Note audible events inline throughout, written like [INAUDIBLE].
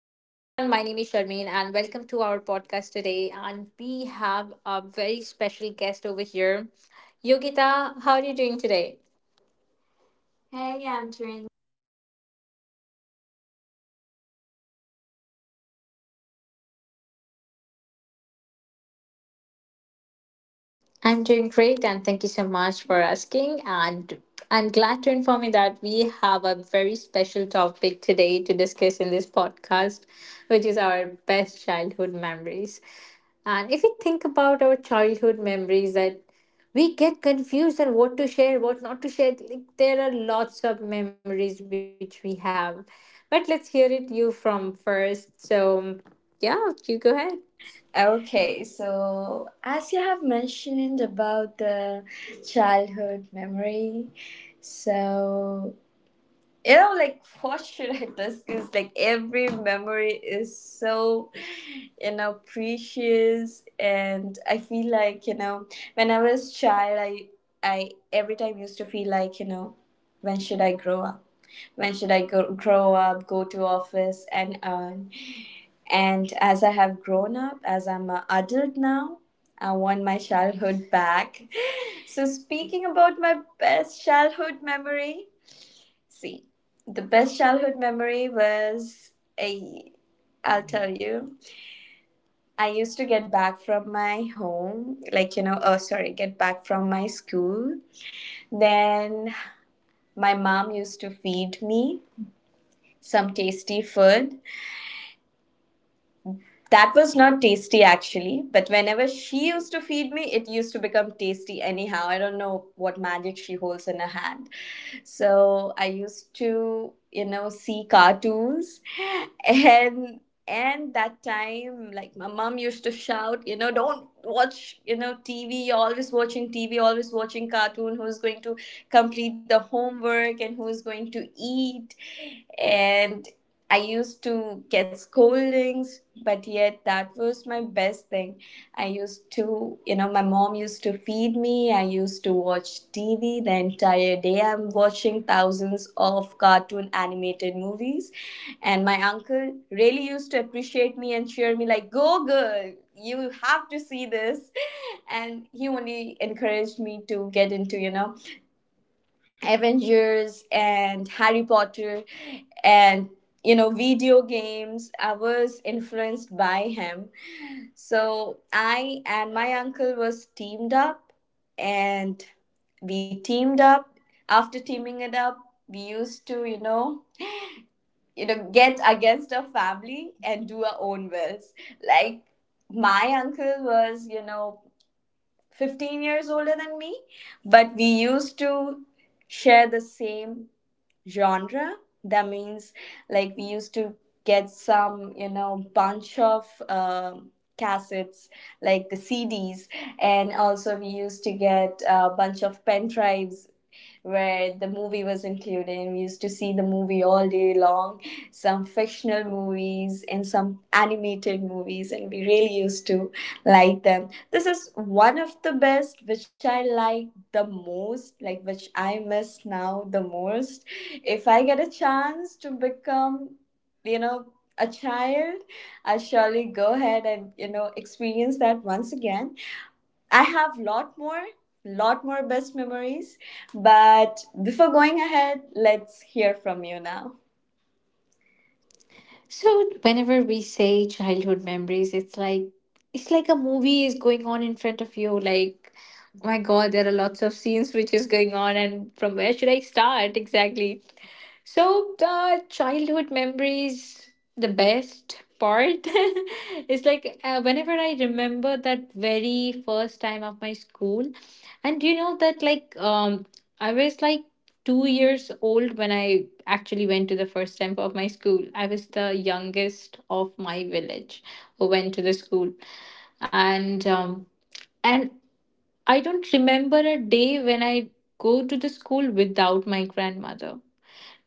My name is Sharmeen, and welcome to our podcast today. And we have a very special guest over here. Yogita, how are you doing today? Hey, Doing I'm doing. great, and I'm really very excited for today and for this podcast. And what about you, Sharmeen? How you doing? I'm doing great, and thank you so much for asking. And I'm glad to inform you that we have a very special topic today to discuss in this podcast, which is our best childhood memories. And if we think about our childhood memories, that we get confused on what to share, what not to share. Like, there are lots of memories which we have. But let's hear it you from first. So, yeah, you go ahead. Okay, so as you have mentioned about the childhood memory, so like [LAUGHS] what should I discuss? Like, every memory is so precious, and I feel like, when I was child, I every time used to feel like, when should I grow up, when should I grow up, go to office, and earn. And as I have grown up, as I'm an adult now, I want my childhood back. [LAUGHS] So, speaking about my best childhood memory, see, the best childhood memory was a. I'll tell you. I used to get back from my home, like, oh sorry, get back from my school. Then my mom used to feed me some tasty food. That was not tasty actually, but whenever she used to feed me, it used to become tasty anyhow. I don't know what magic she holds in her hand. So I used to, see cartoons. [LAUGHS] and and that time, like, my mom used to shout, don't watch, TV. You're always watching TV, always watching cartoon. Who's going to complete the homework and who's going to eat? And I used to get scoldings, but yet that was my best thing. I used to, my mom used to feed me. I used to watch TV the entire day. I'm watching thousands of cartoon animated movies. And my uncle really used to appreciate me and cheer me, like, go girl, you have to see this. And he only encouraged me to get into, Avengers and Harry Potter, and, video games. I was influenced by him. So, I and my uncle was teamed up, and we teamed up. After teaming it up, we used to, get against our family and do our own wills. Like, my uncle was, 15 years older than me, but we used to share the same genre. That means, like, we used to get some, bunch of cassettes, like the CDs, and also we used to get a bunch of pen drives where the movie was included, and we used to see the movie all day long, some fictional movies and some animated movies, and we really used to like them. This is one of the best, which I like the most, like, which I miss now the most. If I get a chance to become, you know a child, I'll surely go ahead and, experience that once again. I have lot more best memories. But before going ahead, let's hear from you now. So whenever we say childhood memories, it's like a movie is going on in front of you. Like, oh my God, there are lots of scenes which is going on, and from where should I start exactly? So the childhood memories, the best part [LAUGHS] is like whenever I remember that very first time of my school, and you know that like I was like 2 years old when I actually went to the first time of my school. I was the youngest of my village who went to the school, and um and I don't remember a day when I go to the school without my grandmother.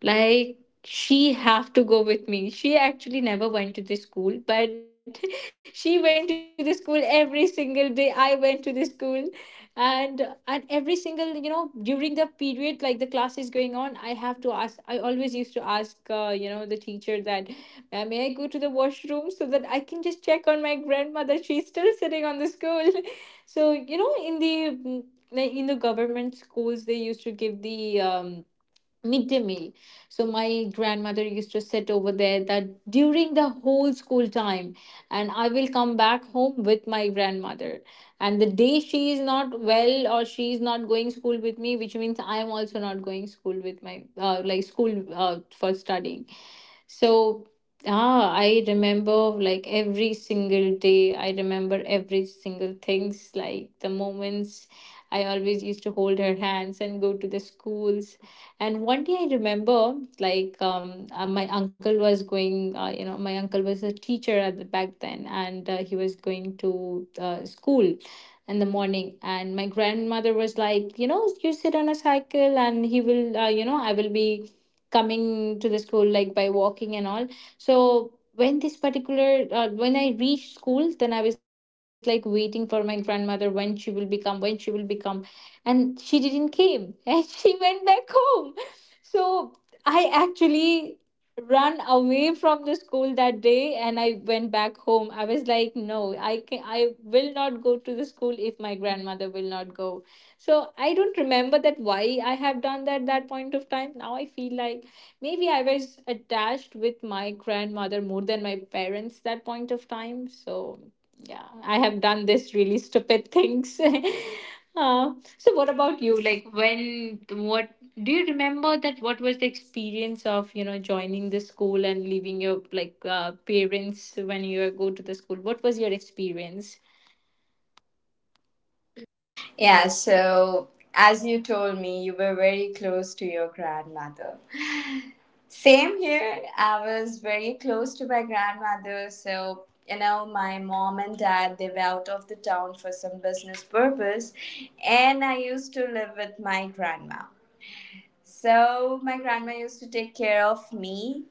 Like, she have to go with me. She actually never went to the school, but [LAUGHS] she went to the school every single day I went to the school. and and every single, you know, during the period, like the class is going on, I always used to ask you know, the teacher that, "Ma'am, may I go to the washroom so that I can just check on my grandmother? She's still sitting on the school." [LAUGHS] So, you know, in the like, in the government schools, they used to give the midday meal. So my grandmother used to sit over there that during the whole school time, and I will come back home with my grandmother. And the day she is not well or she is not going school with me, which means I am also not going school with my like school for studying. So I remember like every single day. I remember every single things like the moments. I always used to hold her hands and go to the schools. And one day I remember, like, my uncle was you know, my uncle was a teacher at the back then, and he was going to school in the morning. And my grandmother was like, you know, you sit on a cycle, and he will, you know, I will be coming to the school like by walking and all. So when this particular when I reached school, then I was like waiting for my grandmother when she will become, and she didn't came, [LAUGHS] and she went back home. So I actually ran away from the school that day and I went back home. I was like, no, I will not go to the school if my grandmother will not go. So I don't remember that why I have done that that point of time. Now I feel like maybe I was attached with my grandmother more than my parents that point of time. So yeah, I have done this really stupid things. [LAUGHS] uh, so what about you? Like, when what do you remember that what was the experience of, you know, joining the school and leaving your like parents when you go to the school? What was your experience? Yeah, so, as you told me, you were very close to your grandmother. Same here. I was very close to my grandmother. So, my mom and dad, they were out of the town for some business purpose. And I used to live with my grandma. So, my grandma used to take care of me.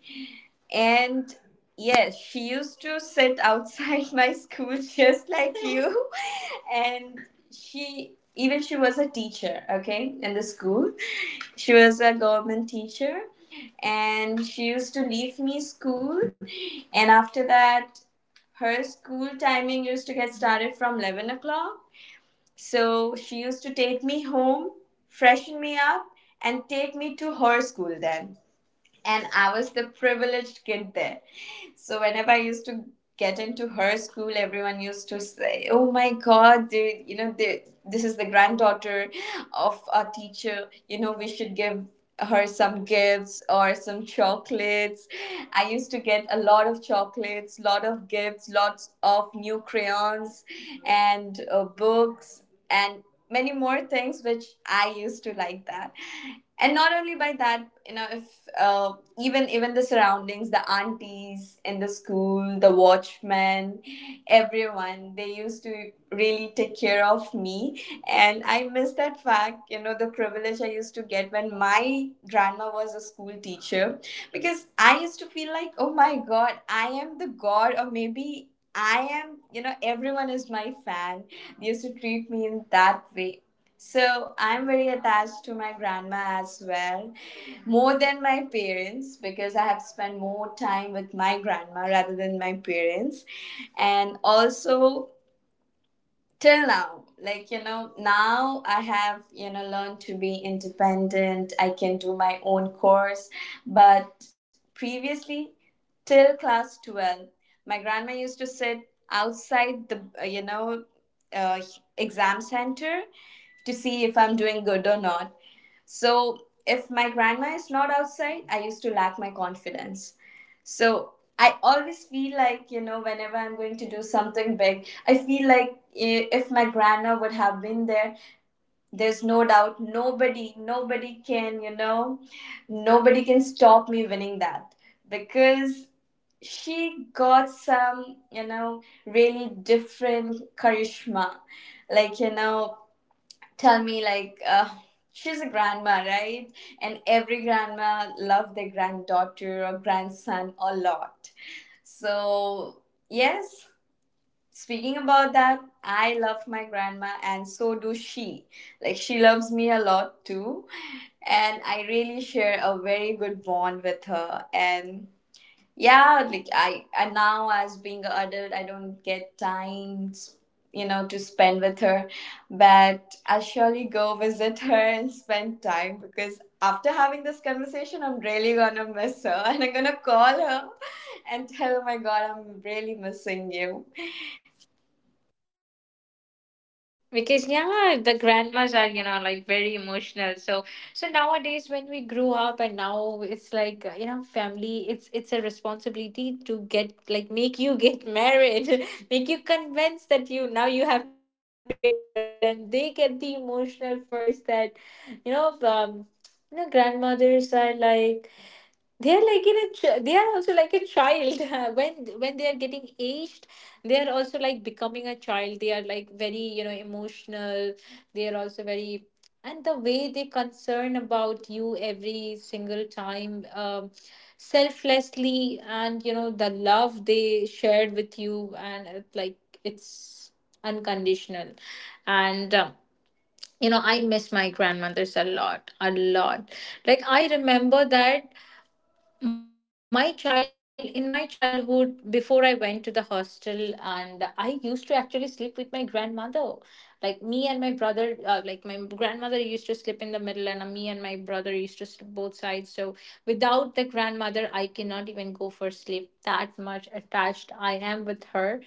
And yes, she used to sit outside [LAUGHS] my school, just like you. [LAUGHS] And even she was a teacher, okay, in the school. She was a government teacher. And she used to leave me school. And after that, her school timing used to get started from 11 o'clock. So, she used to take me home, freshen me up, and take me to her school then. And I was the privileged kid there. So, whenever I used to get into her school, everyone used to say, "Oh my God, they, you know, they, this is the granddaughter of our teacher. You know, we should give her some gifts or some chocolates." I used to get a lot of chocolates, lot of gifts, lots of new crayons, and books, and many more things which I used to like that. And not only by that, you know, if uh, even the surroundings, the aunties in the school, the watchmen, everyone. They used to really take care of me. And I miss that fact, the privilege I used to get when my grandma was a school teacher. Because I used to feel like, oh my God, I am the God, or maybe I am, everyone is my fan. They used to treat me in that way. So, I'm very attached to my grandma as well, more than my parents, because I have spent more time with my grandma rather than my parents. And also, till now, like, now I have, learned to be independent. I can do my own course, but previously, till class 12, my grandma used to sit outside the uh, exam center, to see if I'm doing good or not. So, if my grandma is not outside, I used to lack my confidence. So, I always feel like, whenever I'm going to do something big, I feel like, if my grandma would have been there, there's no doubt, nobody can stop me winning that, because she got some, really different charisma. Like, tell me, like, she's a grandma, right? And every grandma love their granddaughter or grandson a lot. So, yes, speaking about that, I love my grandma, and so do she. Like, she loves me a lot too. And I really share a very good bond with her. And yeah, like, I now, as being an adult, I don't get time, to spend with her. But I'll surely go visit her and spend time, because after having this conversation, I'm really gonna miss her. [LAUGHS] And I'm gonna call her and tell her, "Oh my God, I'm really missing you." Because yeah, the grandmas are, you know, like very emotional. So so nowadays when we grew up, and now it's like, you know, family, it's a responsibility to get like make you get married [LAUGHS] make you convinced that you now you have to get married, and they get the emotional first that, you know, you know, grandmothers are like, they are like in a they are also like a child. [LAUGHS] when when they are getting aged, they are also like becoming a child. They are like very, you know, emotional. They are also very, and the way they concern about you every single time, selflessly, and you know the love they shared with you, and it, like, it's unconditional. And you know, I miss my grandmothers a lot, a lot. Like, I remember that my child in my childhood, before I went to the hostel, and I used to actually sleep with my grandmother. Like, me and my brother, like, my grandmother used to sleep in the middle, and me and my brother used to sleep both sides. So without the grandmother, I cannot even go for sleep. That much attached I am with her.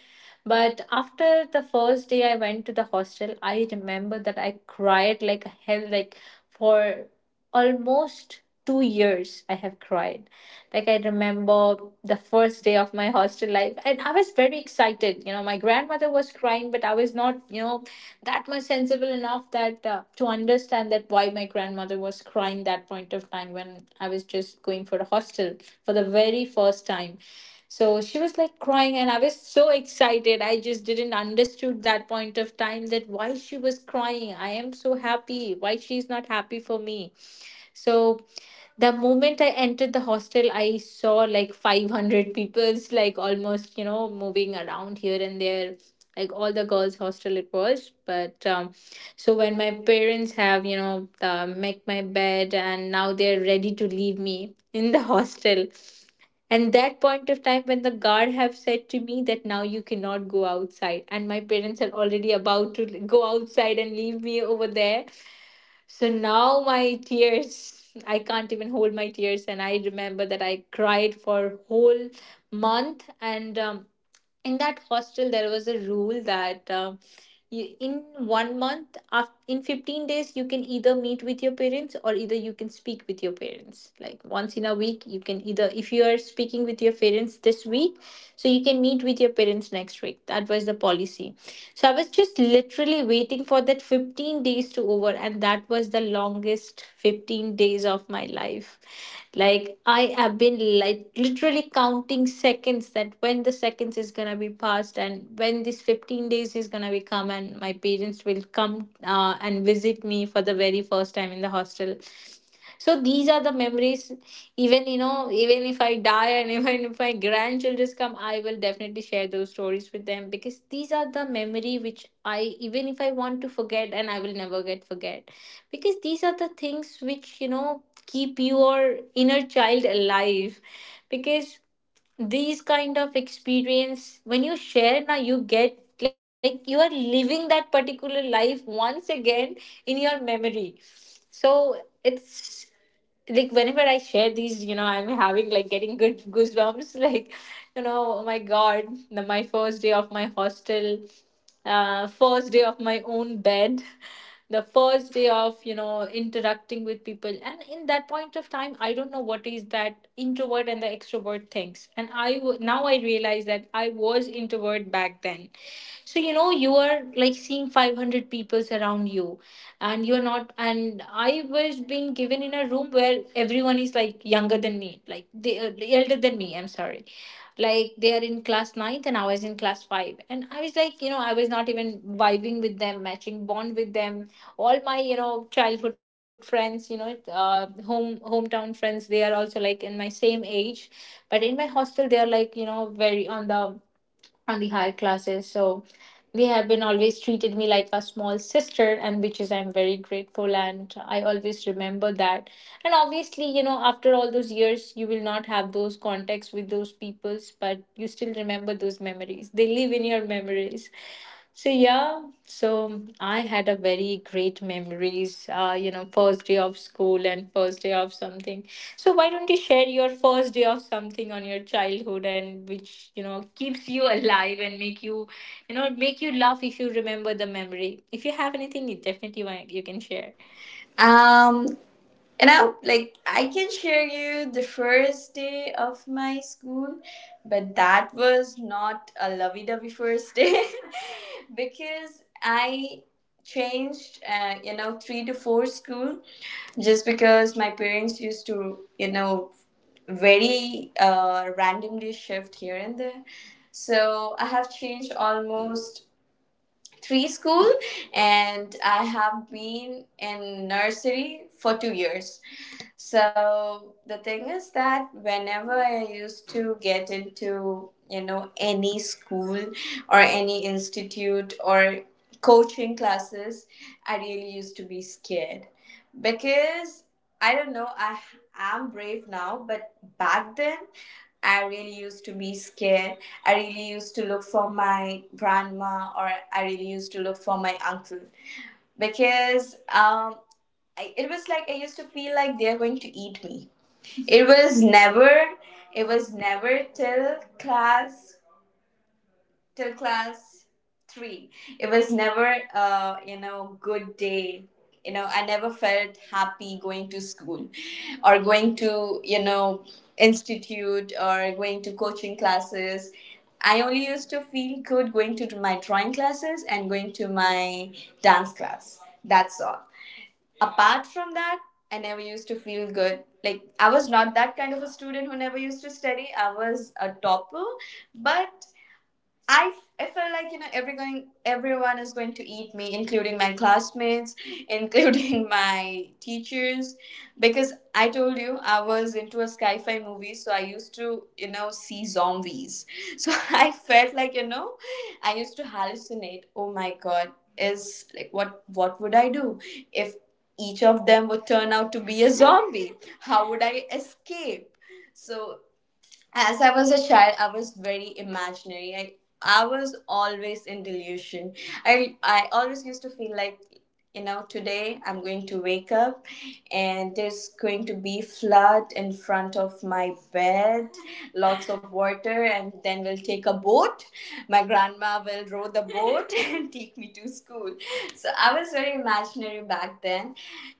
But after the first day I went to the hostel, I remember that I cried like hell, like for almost 2 years I have cried. Like, I remember the first day of my hostel life, and I was very excited. You know, my grandmother was crying, but I was not, you know, that much sensible enough that to understand that why my grandmother was crying that point of time when I was just going for the hostel for the very first time. So she was like crying, and I was so excited. I just didn't understood that point of time that why she was crying. I am so happy. Why she's not happy for me. So the moment I entered the hostel, I saw like 500 people's like almost, you know, moving around here and there, like all the girls' hostel it was. But so when my parents have, you know, make my bed, and now they're ready to leave me [LAUGHS] in the hostel. And that point of time when the guard have said to me that now you cannot go outside, and my parents are already about to go outside and leave me over there, so now my tears, [LAUGHS] I can't even hold my tears. And I remember that I cried for whole month. And in that hostel, there was a rule that you, in one month, af in 15 days, you can either meet with your parents or either you can speak with your parents. Like, once in a week, you can either, if you are speaking with your parents this week, so you can meet with your parents next week. That was the policy. So I was just literally waiting for that 15 days to over, and that was the longest 15 days of my life. Like, I have been like literally counting seconds that when the seconds is gonna be passed and when this 15 days is gonna be come and my parents will come and visit me for the very first time in the hostel. So these are the memories, even you know, even if I die, and [LAUGHS] even if my grandchildren come, I will definitely share those stories with them, because these are the memory which I, even if I want to forget, and I will never get forget, because these are the things which, you know, keep your inner child alive. Because these kind of experience, when you share now, you get like you are living that particular life once again in your memory. So it's like, whenever I share these, you know, I'm having like getting good goosebumps. [LAUGHS] Like, you know, oh my God, my first day of my hostel, first day of my own bed, [LAUGHS] the first day of, you know, interacting with people. And in that point of time, I don't know what is that introvert and the extrovert things, and now I realize that I was introvert back then. So you know, you are like seeing 500 people around you, and you're not and I was being given in a room where everyone is like younger than me, like they, elder than me, I'm sorry. Like, they are in class ninth, and I was in class 5, and I was like, you know, I was not even vibing with them, matching bond with them. All my, you know, childhood friends, you know, home hometown friends, they are also like in my same age. But in my hostel, they are like, you know, very on the higher classes. So they have been always treated me like a small sister, and which is I'm very grateful, and I always remember that. And obviously, you know, after all those years you will not have those contacts with those peoples, but you still remember those memories. They live in your memories. So yeah, so I had a very great memories, first day of school and first day of something. So why don't you share your first day of something on your childhood, and which you know keeps you alive and make you you know make you laugh if you remember the memory. If you have anything, you definitely want, you can share. um And I, like, I can share you the first day of my school, but that was not a lovey-dovey first day. [LAUGHS] Because I changed 3 to 4 school, just because my parents used to, very randomly shift here and there. So, I have changed almost three school, and I have been in nursery for 2 years. So, the thing is that whenever I used to get into, any school or any institute or coaching classes, I really used to be scared. Because I don't know, I am brave now, but back then I really used to be scared. I really used to look for my grandma, or I really used to look for my uncle, because it was like I used to feel like they're going to eat me. It was never, it was never till class three. It was never, good day. You know, I never felt happy going to school, or going to, institute, or going to coaching classes. I only used to feel good going to my drawing classes and going to my dance class. That's all. Apart from that, I never used to feel good, like, I was not that kind of a student who never used to study. I was a topper. But I, I feel like, everyone is going to eat me, including my classmates, [LAUGHS] including my teachers, because I told you I was into a sci-fi movie, so I used to, see zombies. So, [LAUGHS] I felt like, I used to hallucinate. Oh my God, is like, what would I do if each of them would turn out to be a zombie? How would I escape? So, as I was a child, I was very imaginary. I was always in delusion. I always used to feel like, today I'm going to wake up, and there's going to be flood in front of my bed, lots of water, and then we'll take a boat. My grandma will row the boat [LAUGHS] and take me to school. So, I was very imaginary back then.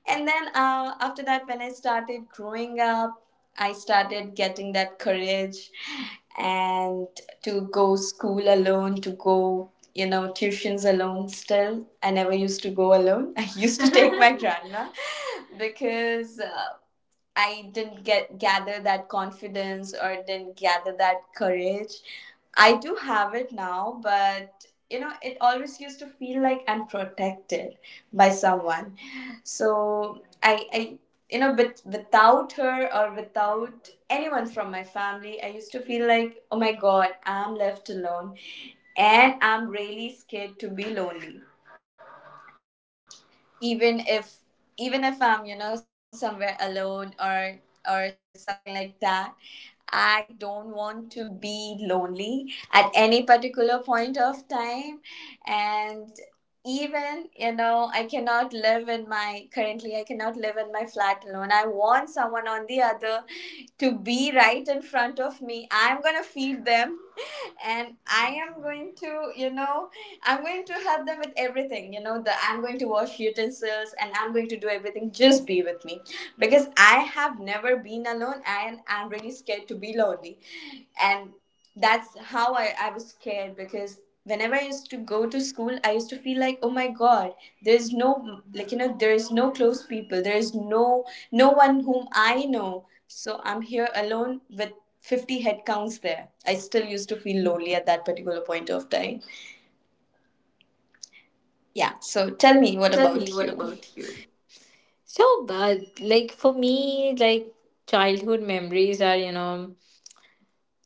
And then after that, when I started growing up, I started getting that courage, and to go school alone, to go, tuitions alone. Still, I never used to go alone. [LAUGHS] I used to take my [LAUGHS] grandma, because I didn't get gather that confidence, or didn't gather that courage. I do have it now, but, it always used to feel like I'm protected by someone. So I but without her or without anyone from my family, I used to feel like, oh my god, I'm left alone, and I'm really scared to be lonely even if even if I'm somewhere alone or something like that. I don't want to be lonely at any particular point of time. And even I cannot live in my currently I cannot live in my flat alone. I want someone on the other to be right in front of me. I'm going to feed them [LAUGHS] and I am going to I'm going to help them with everything. You know the I'm going to wash utensils and I'm going to do everything, just be with me, because I have never been alone and I'm really scared to be lonely. And that's how I was scared, because whenever I used to go to school, I used to feel like, oh my God, there's no, like, you know, there is no close people. There is no one whom I know. So I'm here alone with 50 head counts there. I still used to feel lonely at that particular point of time. Yeah. So tell me, So what tell me, about what you? about you? So, but like for me, like childhood memories are,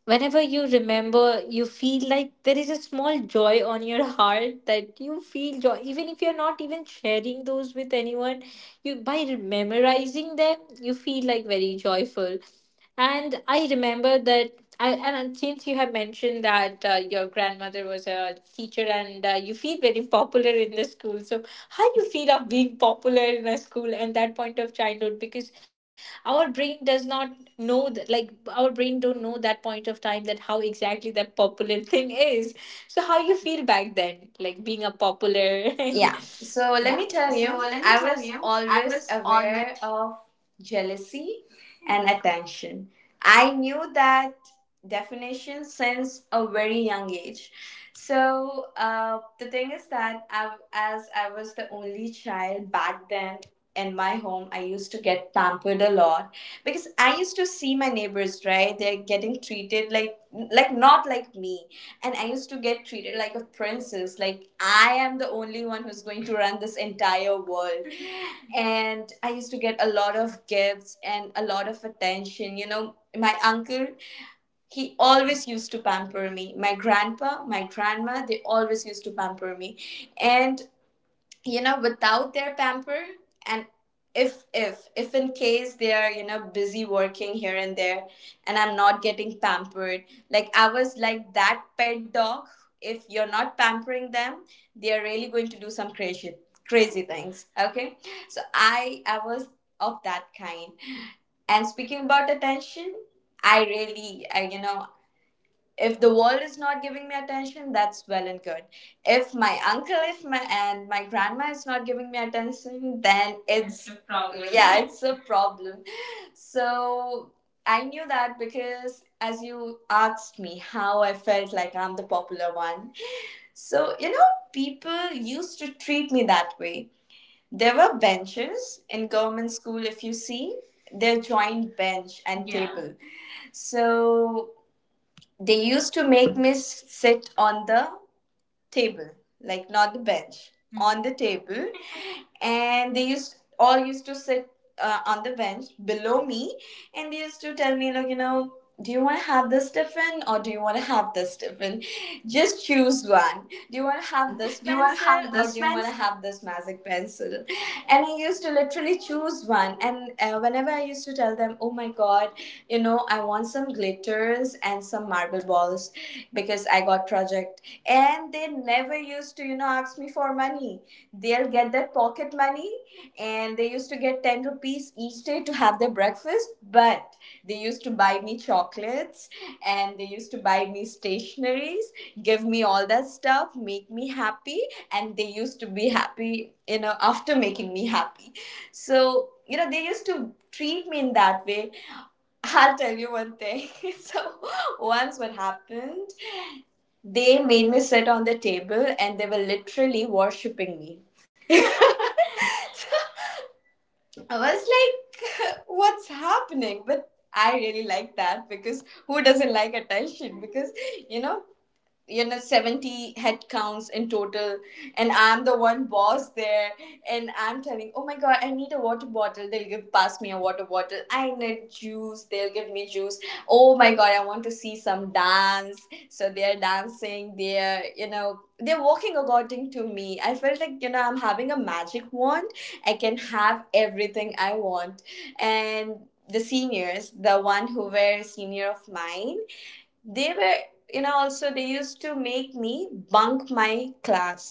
whenever you remember you feel like there is a small joy on your heart, that you feel joy even if you're not even sharing those with anyone. You, by memorizing them, you feel like very joyful, and I remember that. And since you have mentioned that your grandmother was a teacher, and you feel very popular in the school, so how you feel of being popular in a school and that point of childhood, because our brain does not know that, like our brain don't know that point of time that how exactly that popular [LAUGHS] thing is. So how you feel back then, like being a popular? [LAUGHS] Yeah. So Yeah. let me tell So you, let me I tell was you, I always was always aware of jealousy and attention. I knew that definition since a very young age. So the thing is that I, as I was the only child back then, in my home I used to get pampered a lot, because I used to see my neighbors, right? They're getting treated like not like me, and I used to get treated like a princess, like I am the only one who's going to run this entire world. And I used to get a lot of gifts and a lot of attention. You know, my uncle, he always used to pamper me, my grandpa, my grandma, they always used to pamper me. And you know, without their pamper, and if in case they are, you know, busy working here and there, and I'm not getting pampered, like I was like that pet dog, if you're not pampering them, they are really going to do some crazy crazy things, okay? So I was of that kind. And speaking about attention, I really I you know, if the world is not giving me attention, that's well and good. If my uncle, if my and my grandma is not giving me attention, then [LAUGHS] it's a problem. Yeah, it's a problem. So I knew that, because as you asked me how I felt like I'm the popular one, so you know, people used to treat me that way. There were benches in government school, if you see, they're joined bench and, yeah, table. So they used to make me sit on the table, like not the bench, on the table, and they used all used to sit on the bench below me, and they used to tell me, look, you know, do you want to have this Tiffin or do you want to have this Tiffin? Just choose one. Do you want to have one. this Do you want to pencil have or this do you want fancy? to have this magic pencil? And I used to literally choose one. And whenever I used to tell them, oh my god, you know, I want some glitters and some marble balls because I got project, and they never used to, you know, ask me for money, they'll get their pocket money. And they used to get 10 rupees each day to have their breakfast, but they used to buy me chocolates and they used to buy me stationaries, give me all that stuff, make me happy, and they used to be happy, you know, after making me happy. So, you know, they used to treat me in that way. I'll tell you one thing. [LAUGHS] So, once what happened, they made me sit on the table and they were literally worshipping me. [LAUGHS] I was like, [LAUGHS] what's happening? But I really like that, because who doesn't like attention? Because, you know, you know, 70 headcounts in total, and I'm the one boss there, and I'm telling, oh my god, I need a water bottle, they'll give pass me a water bottle, I need juice, they'll give me juice, oh my god, I want to see some dance, so they're dancing, they're, you know, they're walking according to me. I felt like, you know, I'm having a magic wand, I can have everything I want. And the seniors, the one who were senior of mine, they were, you know, also they used to make me bunk my class.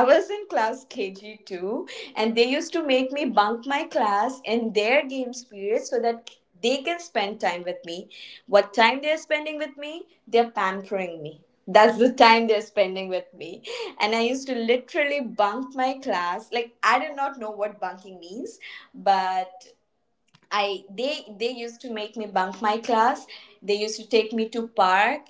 I was in class KG2, and they used to make me bunk my class in their games period so that they can spend time with me. What time they're spending with me, they're pampering me, that's the time they're spending with me. And I used to literally bunk my class, like I did not know what bunking means, but I they used to make me bunk my class. They used to take me to park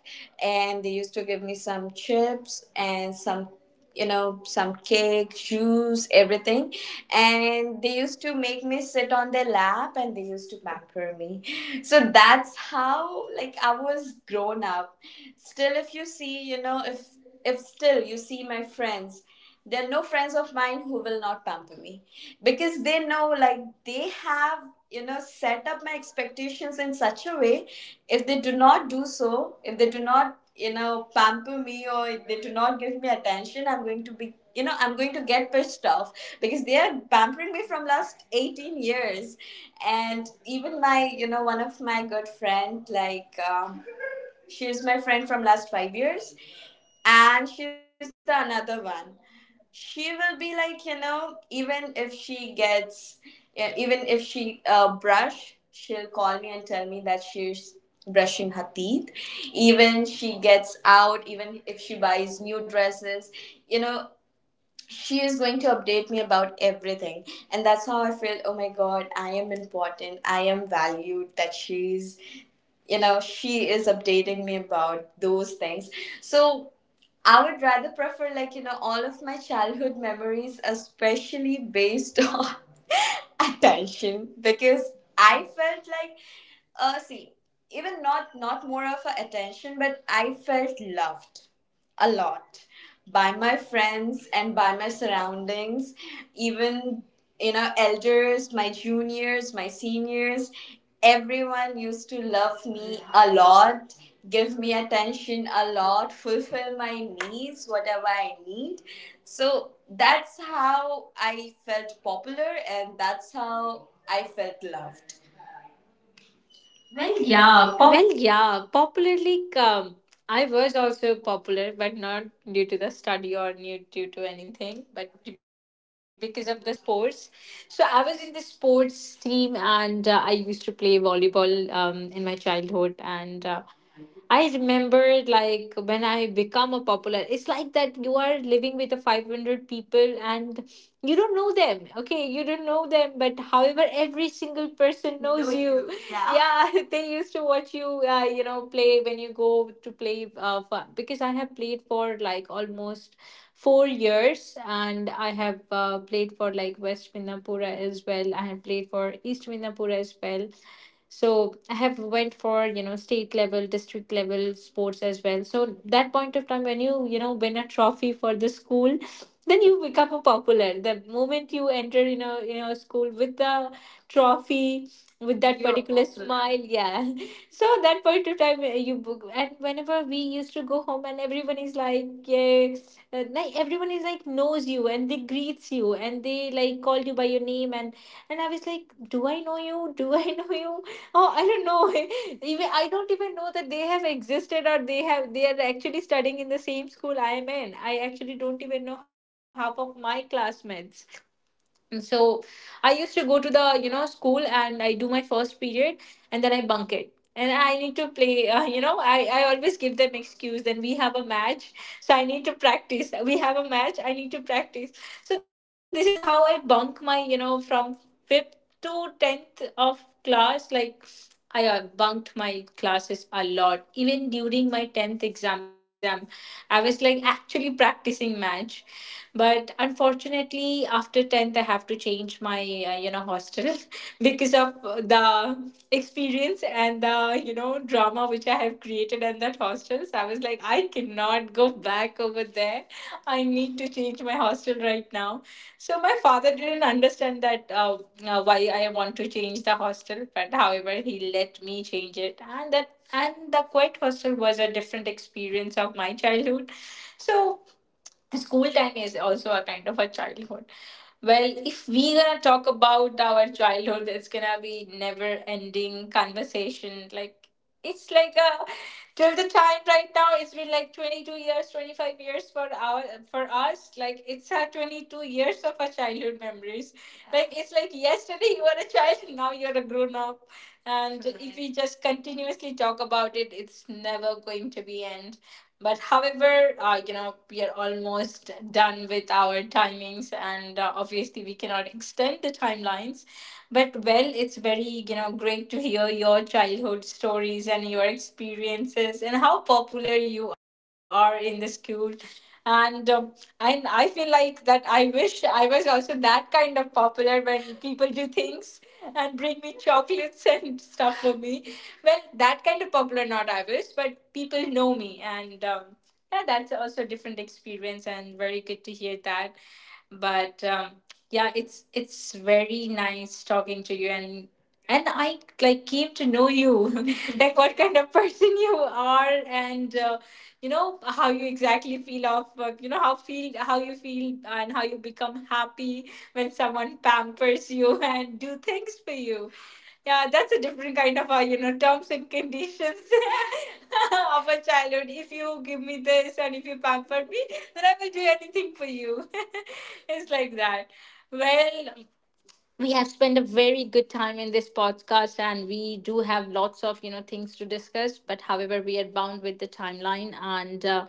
and they used to give me some chips and some, you know, some cake, juice, everything. And they used to make me sit on their lap and they used to pamper me. So that's how like I was grown up. Still if you see, you know, if still you see my friends, there are no friends of mine who will not pamper me, because they know like they have, you know, set up my expectations in such a way. If they do not do so, if they do not, you know, pamper me, or if they do not give me attention, I'm going to be, you know, I'm going to get pissed off, because they are pampering me from last 18 years. And even my, you know, one of my good friend, like she's my friend from last 5 years, and she's the another one. She will be like, you know, even if she gets, yeah, even if she brush, she'll call me and tell me that she's brushing her teeth. Even she gets out, even if she buys new dresses, you know, she is going to update me about everything. And that's how I feel, oh my god, I am important, I am valued, that she's, you know, she is updating me about those things. So I would rather prefer, like, you know, all of my childhood memories, especially based [LAUGHS] on attention, because I felt like see, even not more of a attention, but I felt loved a lot by my friends and by my surroundings, even, you know, elders, my juniors, my seniors. Everyone used to love me a lot, give me attention a lot, fulfill my needs, whatever I need. So that's how I felt popular, and that's how I felt loved. Well, yeah, pop Well, yeah, popularly, I was also popular, but not due to the study or new due to anything, but because of the sports. So I was in the sports team, and I used to play volleyball, um, in my childhood. And I remember like when I become a popular, it's like that you are living with a 500 people and you don't know them. Okay, you don't know them, but however, every single person knows. Know you. You. Yeah. Yeah, [LAUGHS] they used to watch you, play when you go to play for, because I have played for like almost 4 years, and I have played for like West Minnapura as well. I have played for East Minnapura as well. So I have went for, you know, state level, district level sports as well. So that point of time when you know win a trophy for the school, then you become a popular the moment you enter in a, you know, school with the trophy, with that you're particular popular smile. Yeah. [LAUGHS] So that point of time you book, and whenever we used to go home and everyone is like, yeah, like everyone is like knows you and they greets you and they like call you by your name. And I was like, do I know you? Do I know you? [LAUGHS] Oh, I don't know. [LAUGHS] Even I don't even know that they have existed or they have, they are actually studying in the same school I am in. I actually don't even know half of my classmates. Mm. So I used to go to the, you know, school, and I do my first period, and then I bunk it. And I need to play, [LAUGHS] I always give them excuse. Then we have a match, so I need to practice. We have a match, I need to practice. So this is how I bunk my, from fifth to tenth of class. Like I bunked my classes a lot. Even during my tenth exam, before my tenth exam, I was like actually practicing match, but unfortunately after 10th I have to change my hostel [LAUGHS] because of the experience and the, you know, drama which I have created in that hostel. So I was like, I cannot go back over there. I need to change my hostel right now. So my father didn't understand that, why I want to change the hostel, but however he let me change it. And that, and the quiet hostel was a different experience of my childhood. So the school time is also a kind of a childhood. Well, if we gonna talk about our childhood, it's gonna be never ending conversation. Like it's like a, till the time right now, it's been like 22 years, 25 years for our, for us, like it's our 22 years of our childhood memories. Like it's like yesterday you were a child, [LAUGHS] now you're a grown up. And if we just continuously talk about it, it's never going to be end. But however, you know, we are almost done with our timings, and obviously we cannot extend the timelines. But well, it's very, you know, great to hear your childhood stories and your experiences and how popular you are in the school. And I feel like that I wish I was also that kind of popular when people do things and bring me chocolates [LAUGHS] and stuff for me. Well, that kind of popular, not I wish, but people know me. And yeah, that's also a different experience and very good to hear that. But yeah, it's very nice talking to you. And I like came to know you [LAUGHS] like what kind of person you are. And how you exactly feel of, how feel how you feel and how you become happy when someone pampers you [LAUGHS] and do things for you. Yeah, that's a different kind of terms and conditions [LAUGHS] of a childhood. If you give me this and if you pamper me, then I will do anything for you. [LAUGHS] [LAUGHS] It's like that. Well, we have spent a very good time in this podcast, and we do have lots of, you know, things to discuss, but however, we are bound with the timeline, and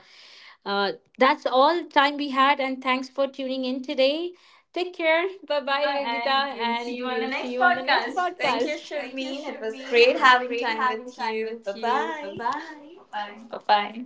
uh, that's all time we had. And thanks for tuning in today. Take care. Bye-bye, Yogita, and we'll see and you on the we'll see next you on the next podcast. Thank you, podcast. Thank you, Sharmeen. It was Sharmeen. It great was having great time having with time you. with Bye you. bye. Bye-bye. Bye. Bye-bye.